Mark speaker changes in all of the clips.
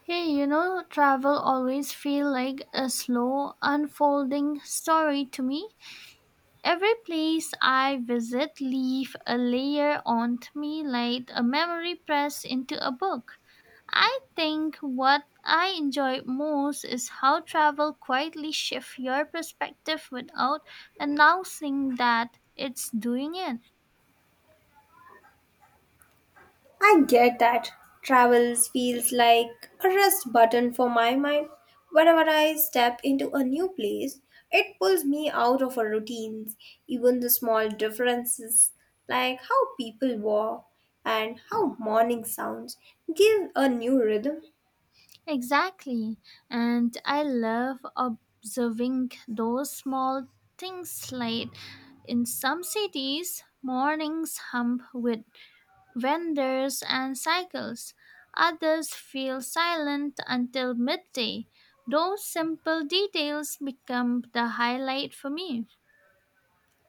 Speaker 1: Travel always feel like a slow unfolding story to me. Every place I visit leave a layer on me like a memory pressed into a book. I think what I enjoy most is how travel quietly shifts your perspective without announcing that it's doing it.
Speaker 2: I get that. Travels feels like a rest button for my mind. Whenever I step into a new place, it pulls me out of a routine. Even the small differences, like how people walk and how morning sounds, give a new rhythm.
Speaker 1: Exactly. And I love observing those small things like in some cities, mornings hum with vendors and cycles. Others feel silent until midday. Those simple details become the highlight for me.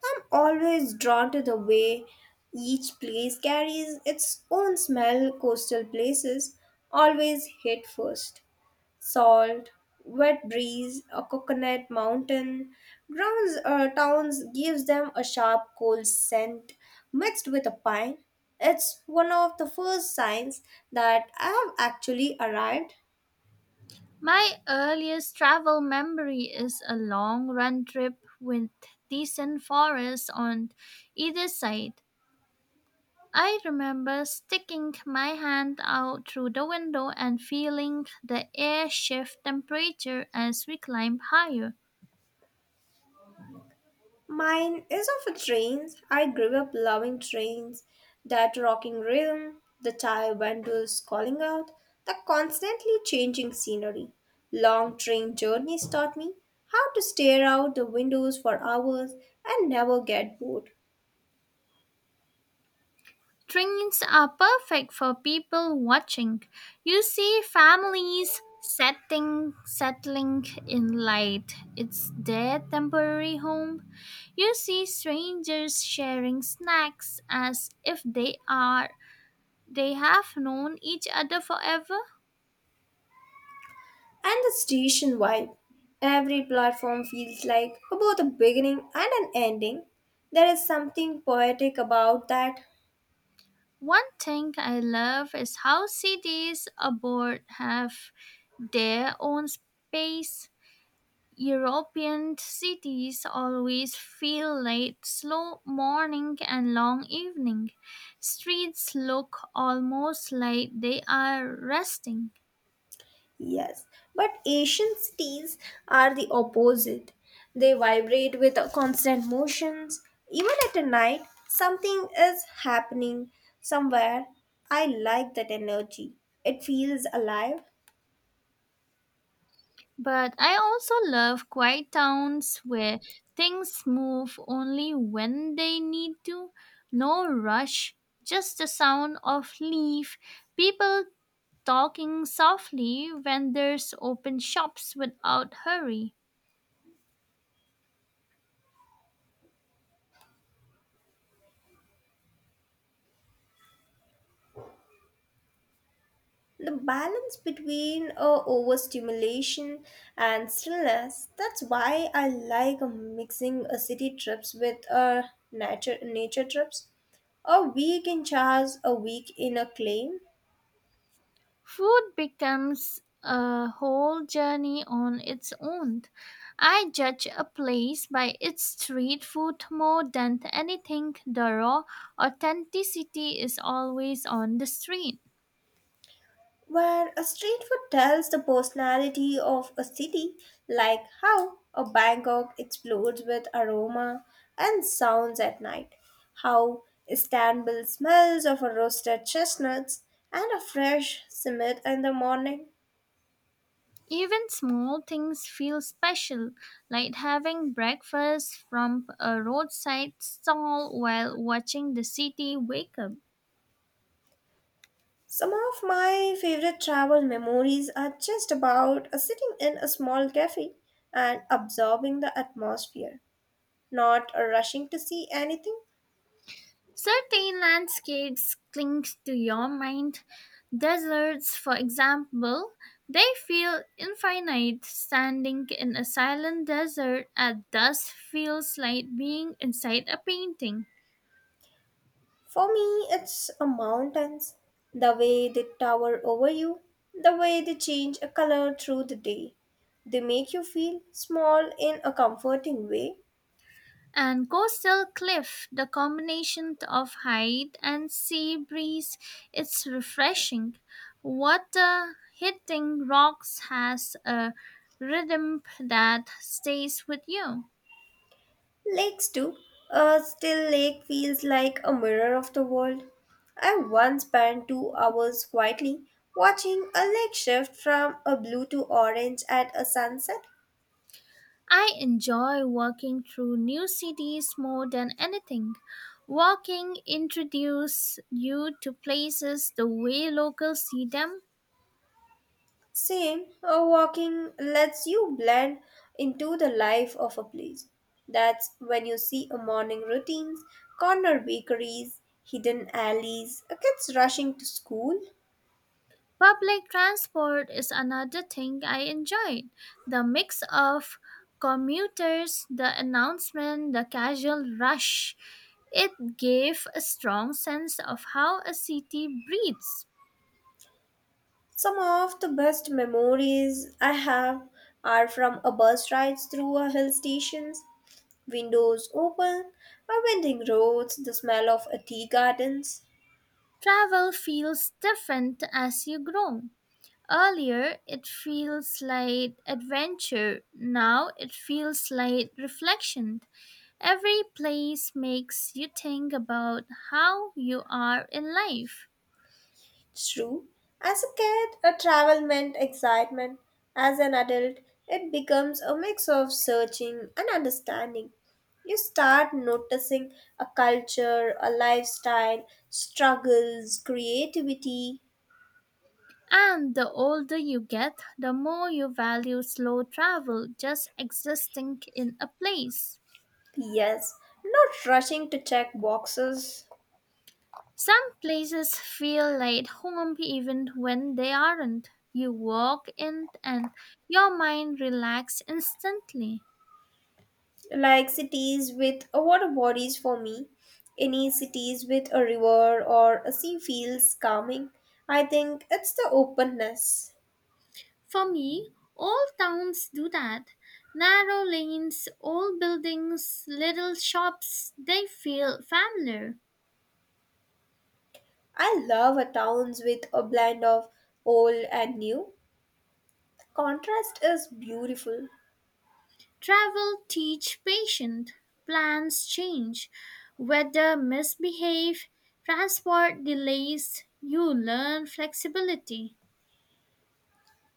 Speaker 2: I'm always drawn to the way each place carries its own smell. Coastal places always hit first. Salt, wet breeze, a coconut mountain. Grounds towns gives them a sharp cold scent mixed with a pine. It's one of the first signs that I have actually arrived.
Speaker 1: My earliest travel memory is a long run trip with decent forests on either side. I remember sticking my hand out through the window and feeling the air shift temperature as we climbed higher.
Speaker 2: Mine is of a trains. I grew up loving trains, that rocking rhythm, the tire windows calling out, the constantly changing scenery. Long train journeys taught me how to stare out the windows for hours and never get bored.
Speaker 1: Trains are perfect for people watching. You see families setting settling in light. It's their temporary home. You see strangers sharing snacks as if they have known each other forever.
Speaker 2: And the station vibe. Every platform feels like both a beginning and an ending. There is something poetic about that.
Speaker 1: One thing I love is how cities abroad have their own space. European cities always feel late, slow morning and long evening. Streets look almost like they are resting.
Speaker 2: Yes, but Asian cities are the opposite. They vibrate with a constant motions. Even at a night, something is happening somewhere. I like that energy. It feels alive.
Speaker 1: But I also love quiet towns where things move only when they need to. No rush, just the sound of leaf, people talking softly, when there's open shops without hurry.
Speaker 2: The balance between overstimulation and stillness. That's why I like mixing city trips with nature trips. A week in Charles, a week in a claim.
Speaker 1: Food becomes a whole journey on its own. I judge a place by its street food more than anything. The raw authenticity is always on the street.
Speaker 2: Where a street food tells the personality of a city, like how a Bangkok explodes with aroma and sounds at night, how Istanbul smells of a roasted chestnuts and a fresh simit in the morning.
Speaker 1: Even small things feel special, like having breakfast from a roadside stall while watching the city wake up.
Speaker 2: Some of my favorite travel memories are just about sitting in a small cafe and absorbing the atmosphere, not rushing to see anything.
Speaker 1: Certain landscapes cling to your mind. Deserts, for example, they feel infinite. Standing in a silent desert at dusk feels like being inside a painting.
Speaker 2: For me, it's a mountains. The way they tower over you, the way they change a color through the day. They make you feel small in a comforting way.
Speaker 1: And coastal cliff, the combination of height and sea breeze, it's refreshing. Water hitting rocks has a rhythm that stays with you.
Speaker 2: Lakes do. A still lake feels like a mirror of the world. I once spent 2 hours quietly watching a lake shift from a blue to orange at a sunset.
Speaker 1: I enjoy walking through new cities more than anything. Walking introduces you to places the way locals see them.
Speaker 2: Same, walking lets you blend into the life of a place. That's when you see a morning routines, corner bakeries, hidden alleys, kids rushing to school.
Speaker 1: Public transport is another thing I enjoyed. The mix of commuters, the announcement, the casual rush. It gave a strong sense of how a city breathes.
Speaker 2: Some of the best memories I have are from a bus rides through a hill stations, windows open, a winding roads, the smell of a tea gardens.
Speaker 1: Travel feels different as you grow. Earlier, it feels like adventure. Now, it feels like reflection. Every place makes you think about how you are in life.
Speaker 2: True. As a kid, a travel meant excitement. As an adult, it becomes a mix of searching and understanding. You start noticing a culture, a lifestyle, struggles, creativity.
Speaker 1: And the older you get, the more you value slow travel, just existing in a place.
Speaker 2: Yes, not rushing to check boxes.
Speaker 1: Some places feel like home even when they aren't. You walk in and your mind relaxes instantly.
Speaker 2: Like cities with a water bodies for me. Any cities with a river or a sea feels calming. I think it's the openness.
Speaker 1: For me, all towns do that. Narrow lanes, old buildings, little shops, they feel familiar.
Speaker 2: I love a towns with a blend of old and new. Contrast is beautiful.
Speaker 1: Travel teach patience, plans change, weather misbehave, transport delays, you learn flexibility.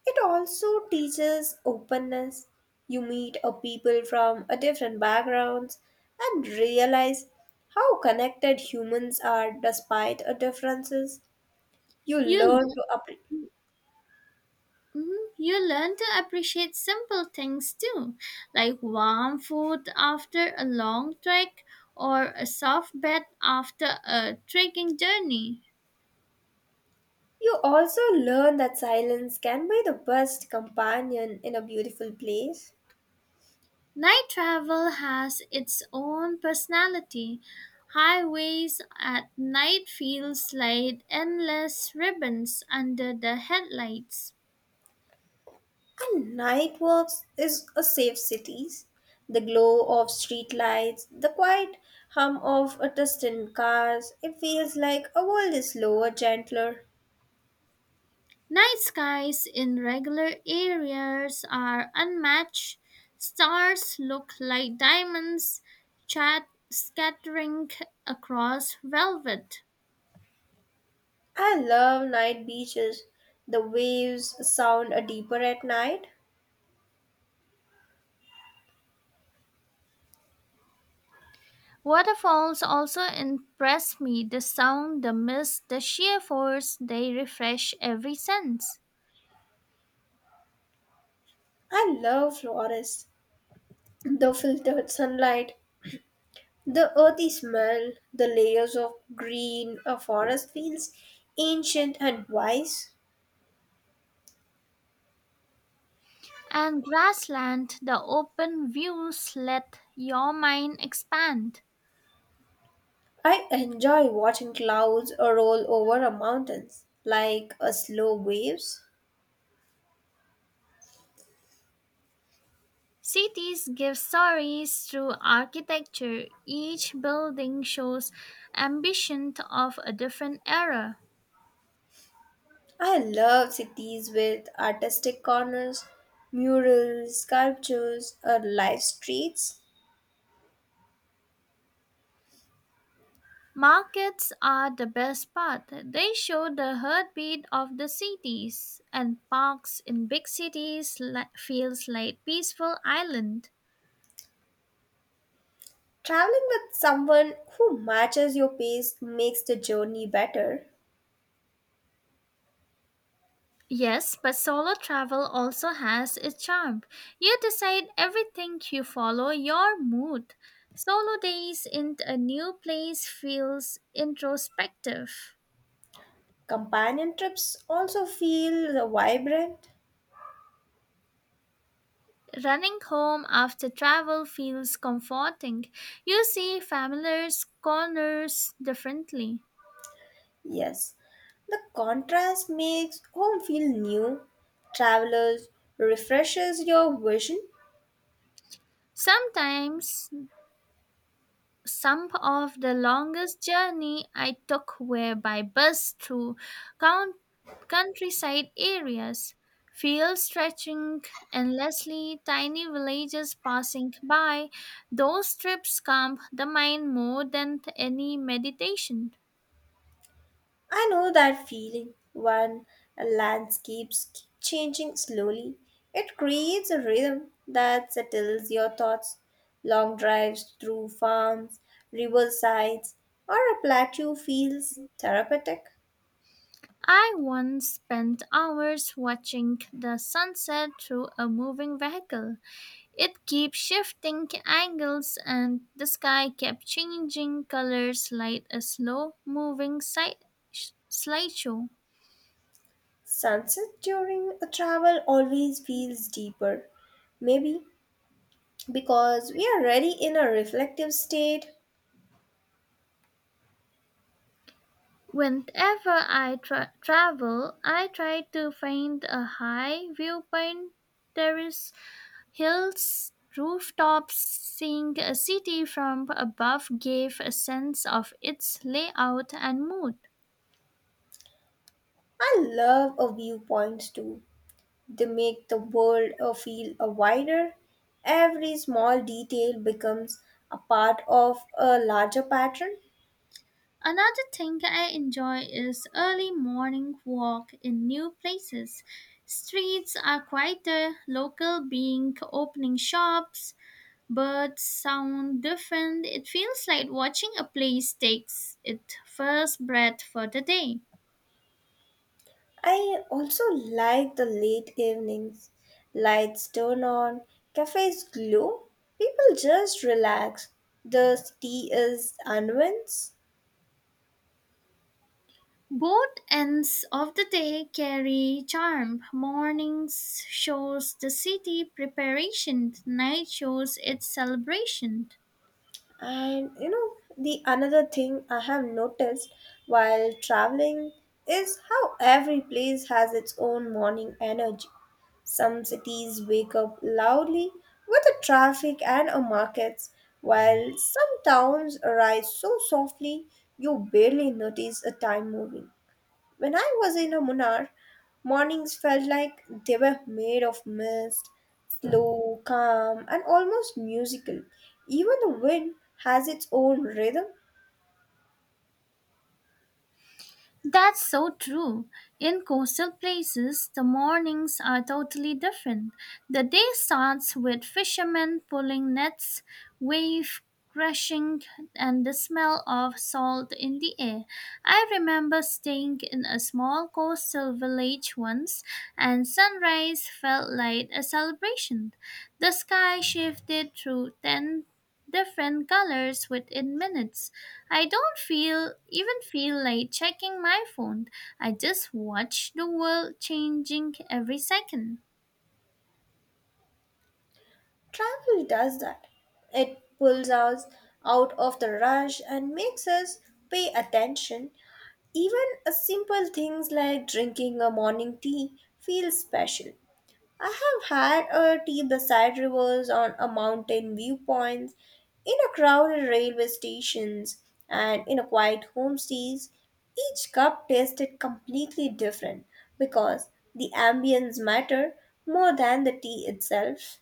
Speaker 2: It also teaches openness. You meet a people from a different backgrounds and realize how connected humans are despite our differences. You
Speaker 1: You
Speaker 2: learn to appre
Speaker 1: Mhm, you learn to appreciate simple things too, like warm food after a long trek or a soft bed after a trekking journey.
Speaker 2: You also learn that silence can be the best companion in a beautiful place.
Speaker 1: Night travel has its own personality. Highways at night feels like endless ribbons under the headlights.
Speaker 2: And night walks is a safe cities. The glow of street lights, the quiet hum of a distant cars, it feels like a world is slower, gentler.
Speaker 1: Night skies in regular areas are unmatched. Stars look like diamonds chat scattering across velvet.
Speaker 2: I love night beaches. The waves sound a deeper at night.
Speaker 1: Waterfalls also impress me the sound, the mist, the sheer force they refresh every sense.
Speaker 2: I love forests, the filtered sunlight, the earthy smell, the layers of green. A forest feels ancient and wise.
Speaker 1: And grassland, the open views let your mind expand.
Speaker 2: I enjoy watching clouds roll over a mountains like a slow waves.
Speaker 1: Cities give stories through architecture. Each building shows ambition of a different era.
Speaker 2: I love cities with artistic corners, murals, sculptures, or live streets.
Speaker 1: Markets are the best part. They show the heartbeat of the cities, and parks in big cities feels like peaceful island.
Speaker 2: Traveling with someone who matches your pace makes the journey better.
Speaker 1: Yes, but solo travel also has its charm. You decide everything, you follow your mood. Solo days in a new place feels introspective.
Speaker 2: Companion trips also feel vibrant.
Speaker 1: Running home after travel feels comforting. You see familiar corners differently.
Speaker 2: Yes, the contrast makes home feel new. Travelers refreshes your vision.
Speaker 1: Sometimes Some of the longest journey I took were by bus through count- countryside areas, fields stretching endlessly, tiny villages passing by. Those trips calm the mind more than any meditation.
Speaker 2: I know that feeling when landscapes keep changing slowly. It creates a rhythm that settles your thoughts. Long drives through farms, riversides, or a plateau feels therapeutic.
Speaker 1: I once spent hours watching the sunset through a moving vehicle. It kept shifting angles and the sky kept changing colors like a slow moving slideshow.
Speaker 2: Sunset during a travel always feels deeper. Maybe because we are already in a reflective state.
Speaker 1: Whenever I travel, I try to find a high viewpoint, terrace, hills, rooftops. Seeing a city from above gave a sense of its layout and mood.
Speaker 2: I love a viewpoint too. They make the world feel wider. Every small detail becomes a part of a larger pattern.
Speaker 1: Another thing I enjoy is early morning walk in new places. Streets are quieter, local being opening shops, birds sound different. It feels like watching a place takes its first breath for the day.
Speaker 2: I also like the late evenings. Lights turn on, cafes glow, people just relax. The city is unwins.
Speaker 1: Both ends of the day carry charm. Mornings shows the city preparation, night shows its celebration.
Speaker 2: And you know, the another thing I have noticed while traveling is how every place has its own morning energy. Some cities wake up loudly with the traffic and a markets, while some towns arise so softly you barely notice a time moving. When I was in a Munnar, mornings felt like they were made of mist, slow, calm, and almost musical. Even the wind has its own rhythm.
Speaker 1: That's so true. In coastal places, the mornings are totally different. The day starts with fishermen pulling nets, wave crashing, and the smell of salt in the air. I remember staying in a small coastal village once, and sunrise felt like a celebration. The sky shifted through 10 different colors within minutes I don't feel like checking my phone. I just watch the world changing every second.
Speaker 2: Travel does that. It pulls us out of the rush and makes us pay attention. Even a simple things like drinking a morning tea feel special. I have had a tea beside rivers on a mountain viewpoints, in a crowded railway stations, and in a quiet homestays. Each cup tasted completely different because the ambience matter more than the tea itself.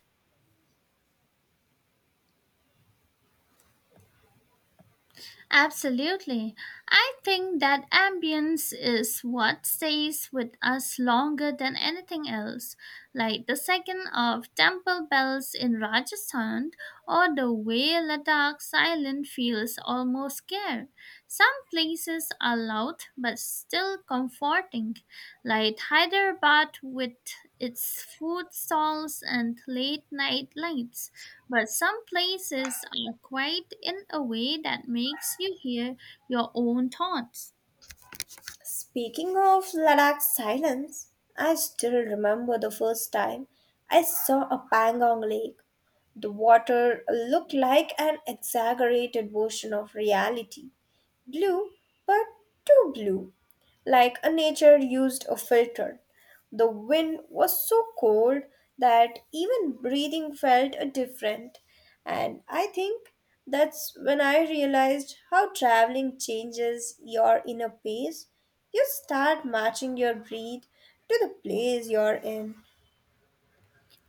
Speaker 1: Absolutely. I think that ambience is what stays with us longer than anything else, like the second of temple bells in Rajasthan or the way Ladakh silent feels almost scared. Some places are loud but still comforting, like Hyderabad with its food stalls and late night lights. But some places are quiet in a way that makes you hear your own thoughts.
Speaker 2: Speaking of Ladakh silence, I still remember the first time I saw a Pangong lake. The water looked like an exaggerated version of reality. Blue, but too blue, like a nature used a filter. The wind was so cold that even breathing felt different, and I think that's when I realized how traveling changes your inner pace. You start matching your breath to the place you're in,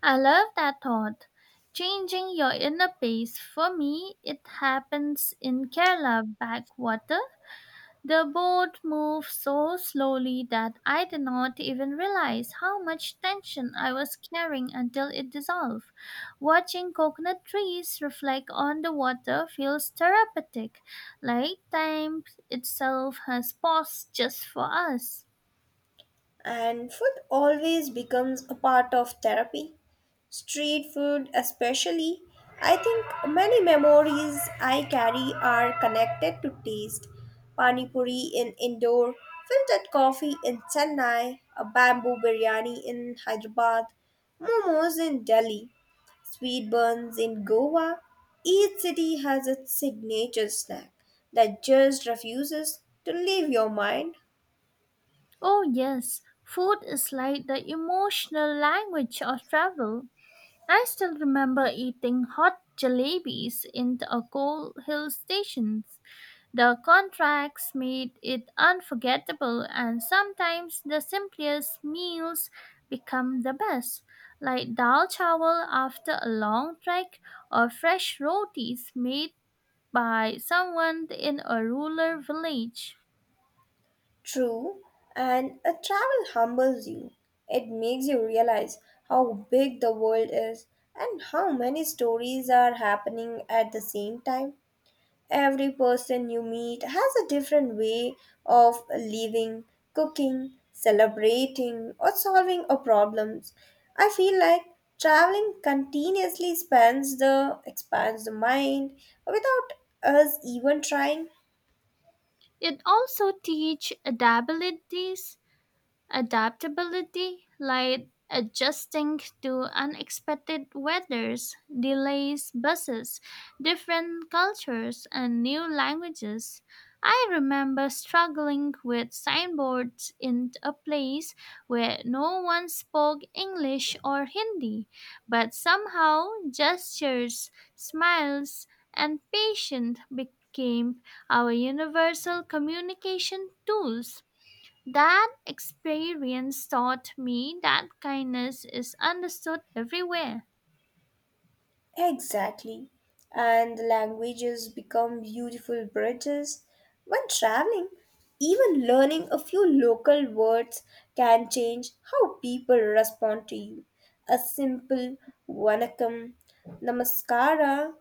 Speaker 1: I love that thought. Changing your inner pace. For me, it happens in Kerala backwater. The boat moved so slowly that I did not even realize how much tension I was carrying until it dissolved. Watching coconut trees reflect on the water feels therapeutic, like time itself has paused just for us.
Speaker 2: and food always becomes a part of therapy. Street food, especially. I think many memories I carry are connected to taste. Pani puri in Indore, filtered coffee in Chennai, a bamboo biryani in Hyderabad, momos in Delhi. Sweet buns in Goa, each city has its signature snack that just refuses to leave your mind.
Speaker 1: Oh, yes, food is like the emotional language of travel. I still remember eating hot jalebis in a cold hill station. The contracts made it unforgettable, and sometimes the simplest meals become the best, like dal chawal after a long trek or fresh rotis made by someone in a rural village.
Speaker 2: True, and a travel humbles you. It makes you realize how big the world is and how many stories are happening at the same time. Every person you meet has a different way of living, cooking, celebrating, or solving a problems. I feel like traveling continuously expands the mind without us even trying.
Speaker 1: It also teach adaptabilities. Adaptability, like adjusting to unexpected weathers, delays, buses, different cultures, and new languages. I remember struggling with signboards in a place where no one spoke English or Hindi, but somehow gestures, smiles, and patience became our universal communication tools. That experience taught me that kindness is understood everywhere,
Speaker 2: Exactly. And the languages become beautiful bridges. When traveling, even learning a few local words can change how people respond to you. A simple vanakkam, namaskara,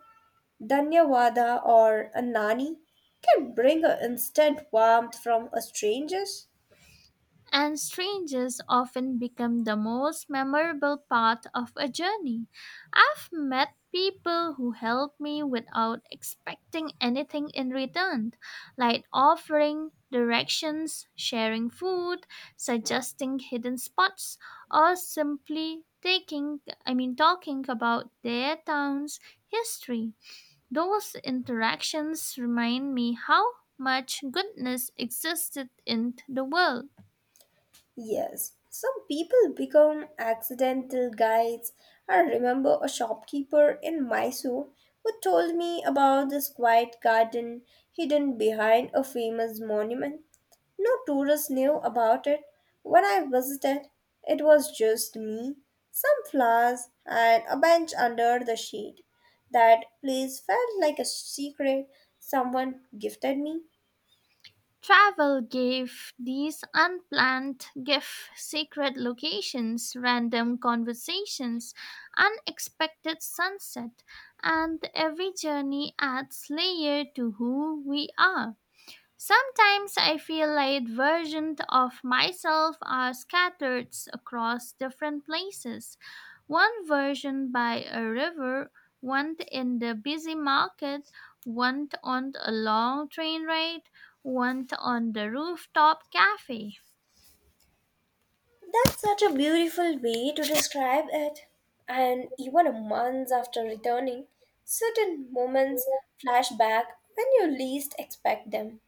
Speaker 2: dhanyavada, or a nani can bring an instant warmth from a stranger's.
Speaker 1: and strangers often become the most memorable part of a journey. I've met people who helped me without expecting anything in return, like offering directions, sharing food, suggesting hidden spots, or simply taking I mean talking about their town's history. Those interactions remind me how much goodness existed in the world.
Speaker 2: Yes, some people become accidental guides. I remember a shopkeeper in Mysore who told me about this quiet garden hidden behind a famous monument. No tourists knew about it. When I visited, it was just me, some flowers, and a bench under the shade. That place felt like a secret someone gifted me.
Speaker 1: Travel gave these unplanned gifts, sacred locations, random conversations, unexpected sunset, and every journey adds layer to who we are. Sometimes I feel like versions of myself are scattered across different places. One version by a river, one in the busy market, one on a long train ride, one on the rooftop cafe.
Speaker 2: That's such a beautiful way to describe it. And even a month after returning, certain moments flash back when you least expect them,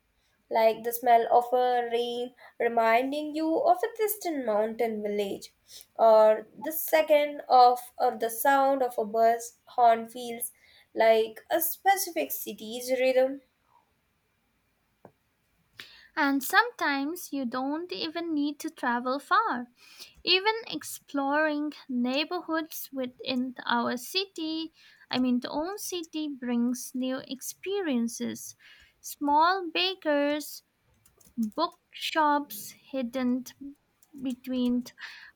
Speaker 2: like the smell of a rain reminding you of a distant mountain village, or the second of or the sound of a bus horn feels like a specific city's rhythm.
Speaker 1: And sometimes you don't even need to travel far. Even exploring neighborhoods within our city, I mean, the own city brings new experiences. Small bakers, bookshops hidden between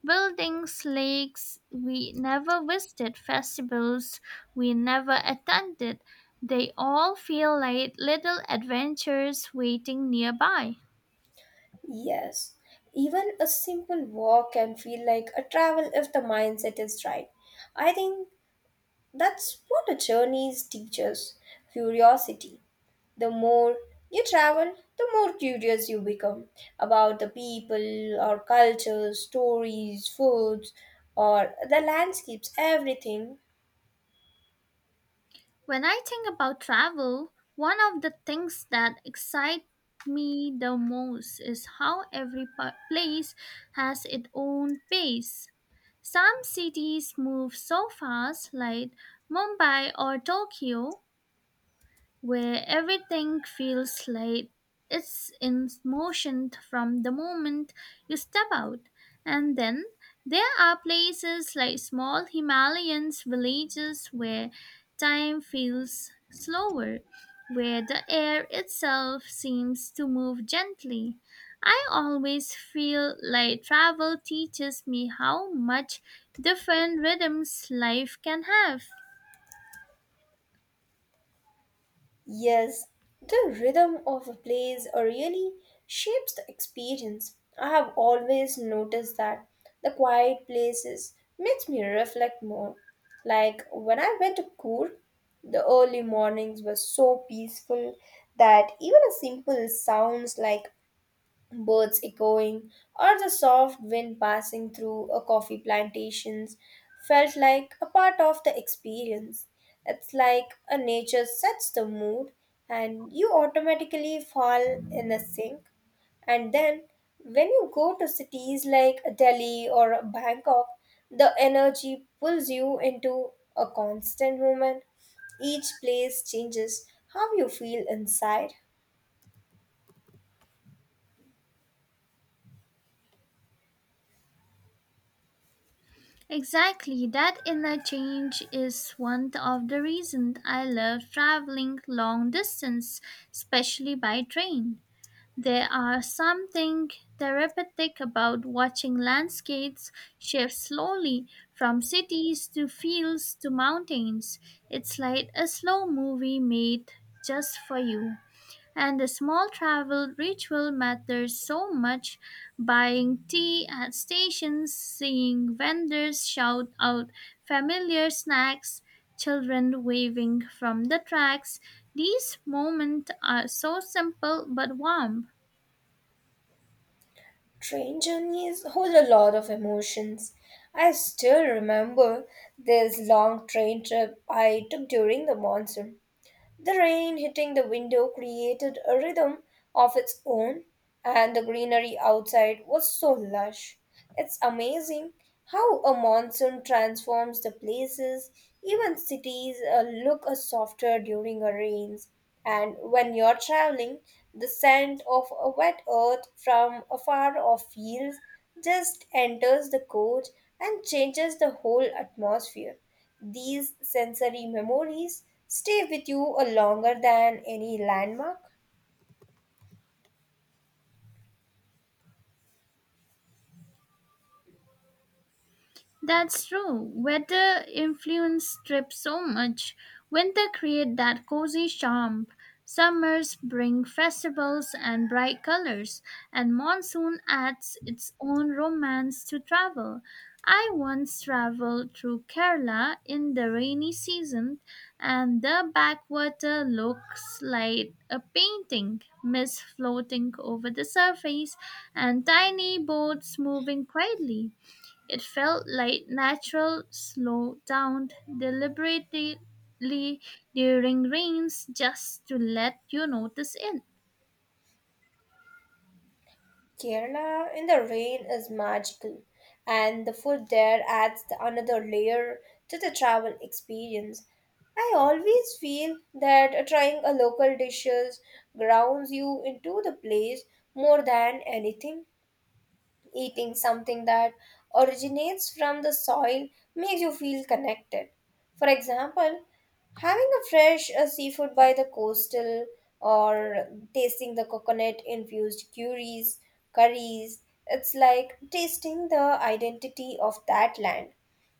Speaker 1: buildings, lakes we never visited, festivals we never attended. They all feel like little adventures waiting nearby.
Speaker 2: Yes, even a simple walk can feel like a travel if the mindset is right. I think that's what a journey is teaches curiosity. The more you travel, the more curious you become about the people or cultures, stories, foods, or the landscapes, everything.
Speaker 1: When I think about travel, one of the things that excite me the most is how every place has its own pace. Some cities move so fast, like Mumbai or Tokyo, where everything feels like it's in motion from the moment you step out. And then there are places like small Himalayan villages where time feels slower, where the air itself seems to move gently. I always feel like travel teaches me how much different rhythms life can have.
Speaker 2: Yes, the rhythm of a place really shapes the experience. I have always noticed that the quiet places makes me reflect more. Like when I went to Kur, the early mornings were so peaceful that even a simple sounds like birds echoing, or the soft wind passing through a coffee plantations felt like a part of the experience. It's like a nature sets the mood and you automatically fall in a sink. And then when you go to cities like Delhi or Bangkok, the energy pulls you into a constant movement. Each place changes how you feel inside.
Speaker 1: Exactly, that inner change is one of the reasons I love traveling long distance, especially by train. There are something therapeutic about watching landscapes shift slowly from cities to fields to mountains. It's like a slow movie made just for you and the small travel ritual matters so much buying tea at stations, seeing vendors shout out familiar snacks, children waving from the tracks. These moments are so simple but warm.
Speaker 2: Train journeys hold a lot of emotions. I still remember this long train trip I took during the monsoon. The rain hitting the window created a rhythm of its own, and the greenery outside was so lush. It's amazing how a monsoon transforms the places, even cities look softer during a rains. And when you're traveling, the scent of a wet earth from afar off fields just enters the coach and changes the whole atmosphere. These sensory memories stay with you a longer than any landmark.
Speaker 1: That's true. Weather influence trips so much. Winter create that cozy charm. Summers bring festivals and bright colors, and monsoon adds its own romance to travel. I once traveled through Kerala in the rainy season, and the backwater looks like a painting, mist floating over the surface, and tiny boats moving quietly. It felt like natural, slow down deliberately during rains just to let you notice it.
Speaker 2: Kerala in the rain is magical, and the food there adds another layer to the travel experience. I always feel that trying a local dishes grounds you into the place more than anything. Eating something that originates from the soil makes you feel connected. For example, having a fresh seafood by the coastal or tasting the coconut infused curries, it's like tasting the identity of that land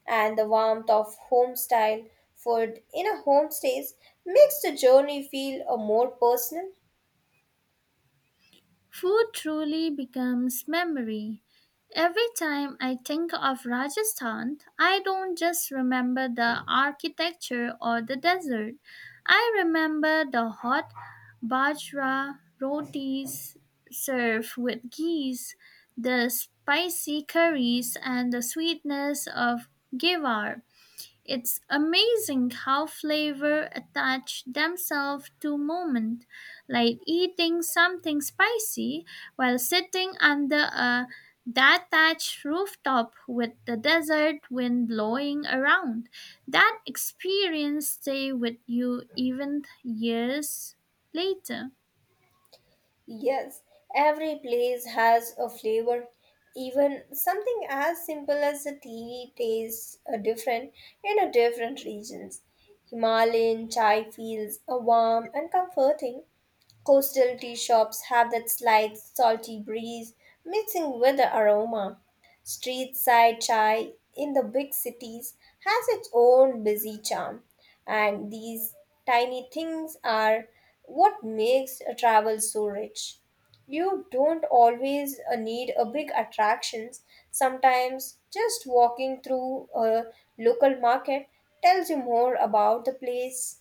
Speaker 2: and the warmth of home style food in a homestays makes the journey feel more personal.
Speaker 1: Food truly becomes memory. Every time I think of Rajasthan, I don't just remember the architecture or the desert. I remember the hot bajra rotis served with ghee, the spicy curries, and the sweetness of gewar. It's amazing how flavor attach themselves to moment, like eating something spicy while sitting under a detached rooftop with the desert wind blowing around. That experience stay with you even years later.
Speaker 2: Yes, every place has a flavor. Even something as simple as a tea tastes different in a different regions. Himalayan chai feels warm and comforting. Coastal tea shops have that slight salty breeze mixing with the aroma. Street side chai in the big cities has its own busy charm, and these tiny things are what makes a travel so rich. You don't always need a big attractions. Sometimes just walking through a local market tells you more about the place.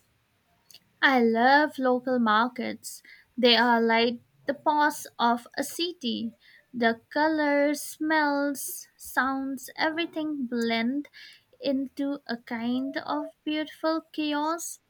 Speaker 1: I love local markets. They are like the pulse of a city. The colors, smells, sounds, everything blend into a kind of beautiful chaos.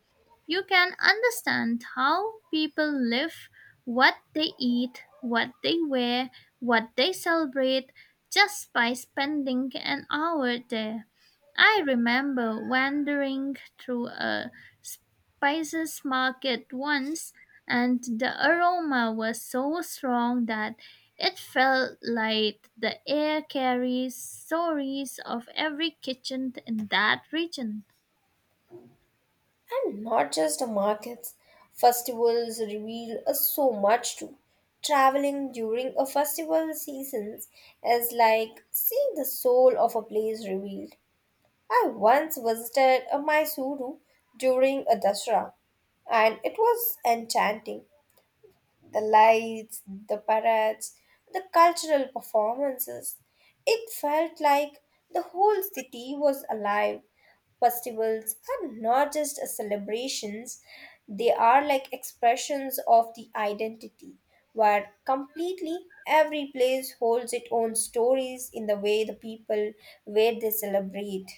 Speaker 1: You can understand how people live, what they eat, what they wear, what they celebrate just by spending an hour there. I remember wandering through a spices market once, and the aroma was so strong that it felt like the air carries stories of every kitchen in that region.
Speaker 2: And not just the markets. Festivals reveal us so much too. Traveling during a festival season is like seeing the soul of a place revealed. I once visited a Mysuru during a Dasra and it was enchanting the lights, the parades, the cultural performances. It felt like the whole city was alive. Festivals are not just celebrations, they are like expressions of the identity, where completely every place holds its own stories in the way the people where they celebrate.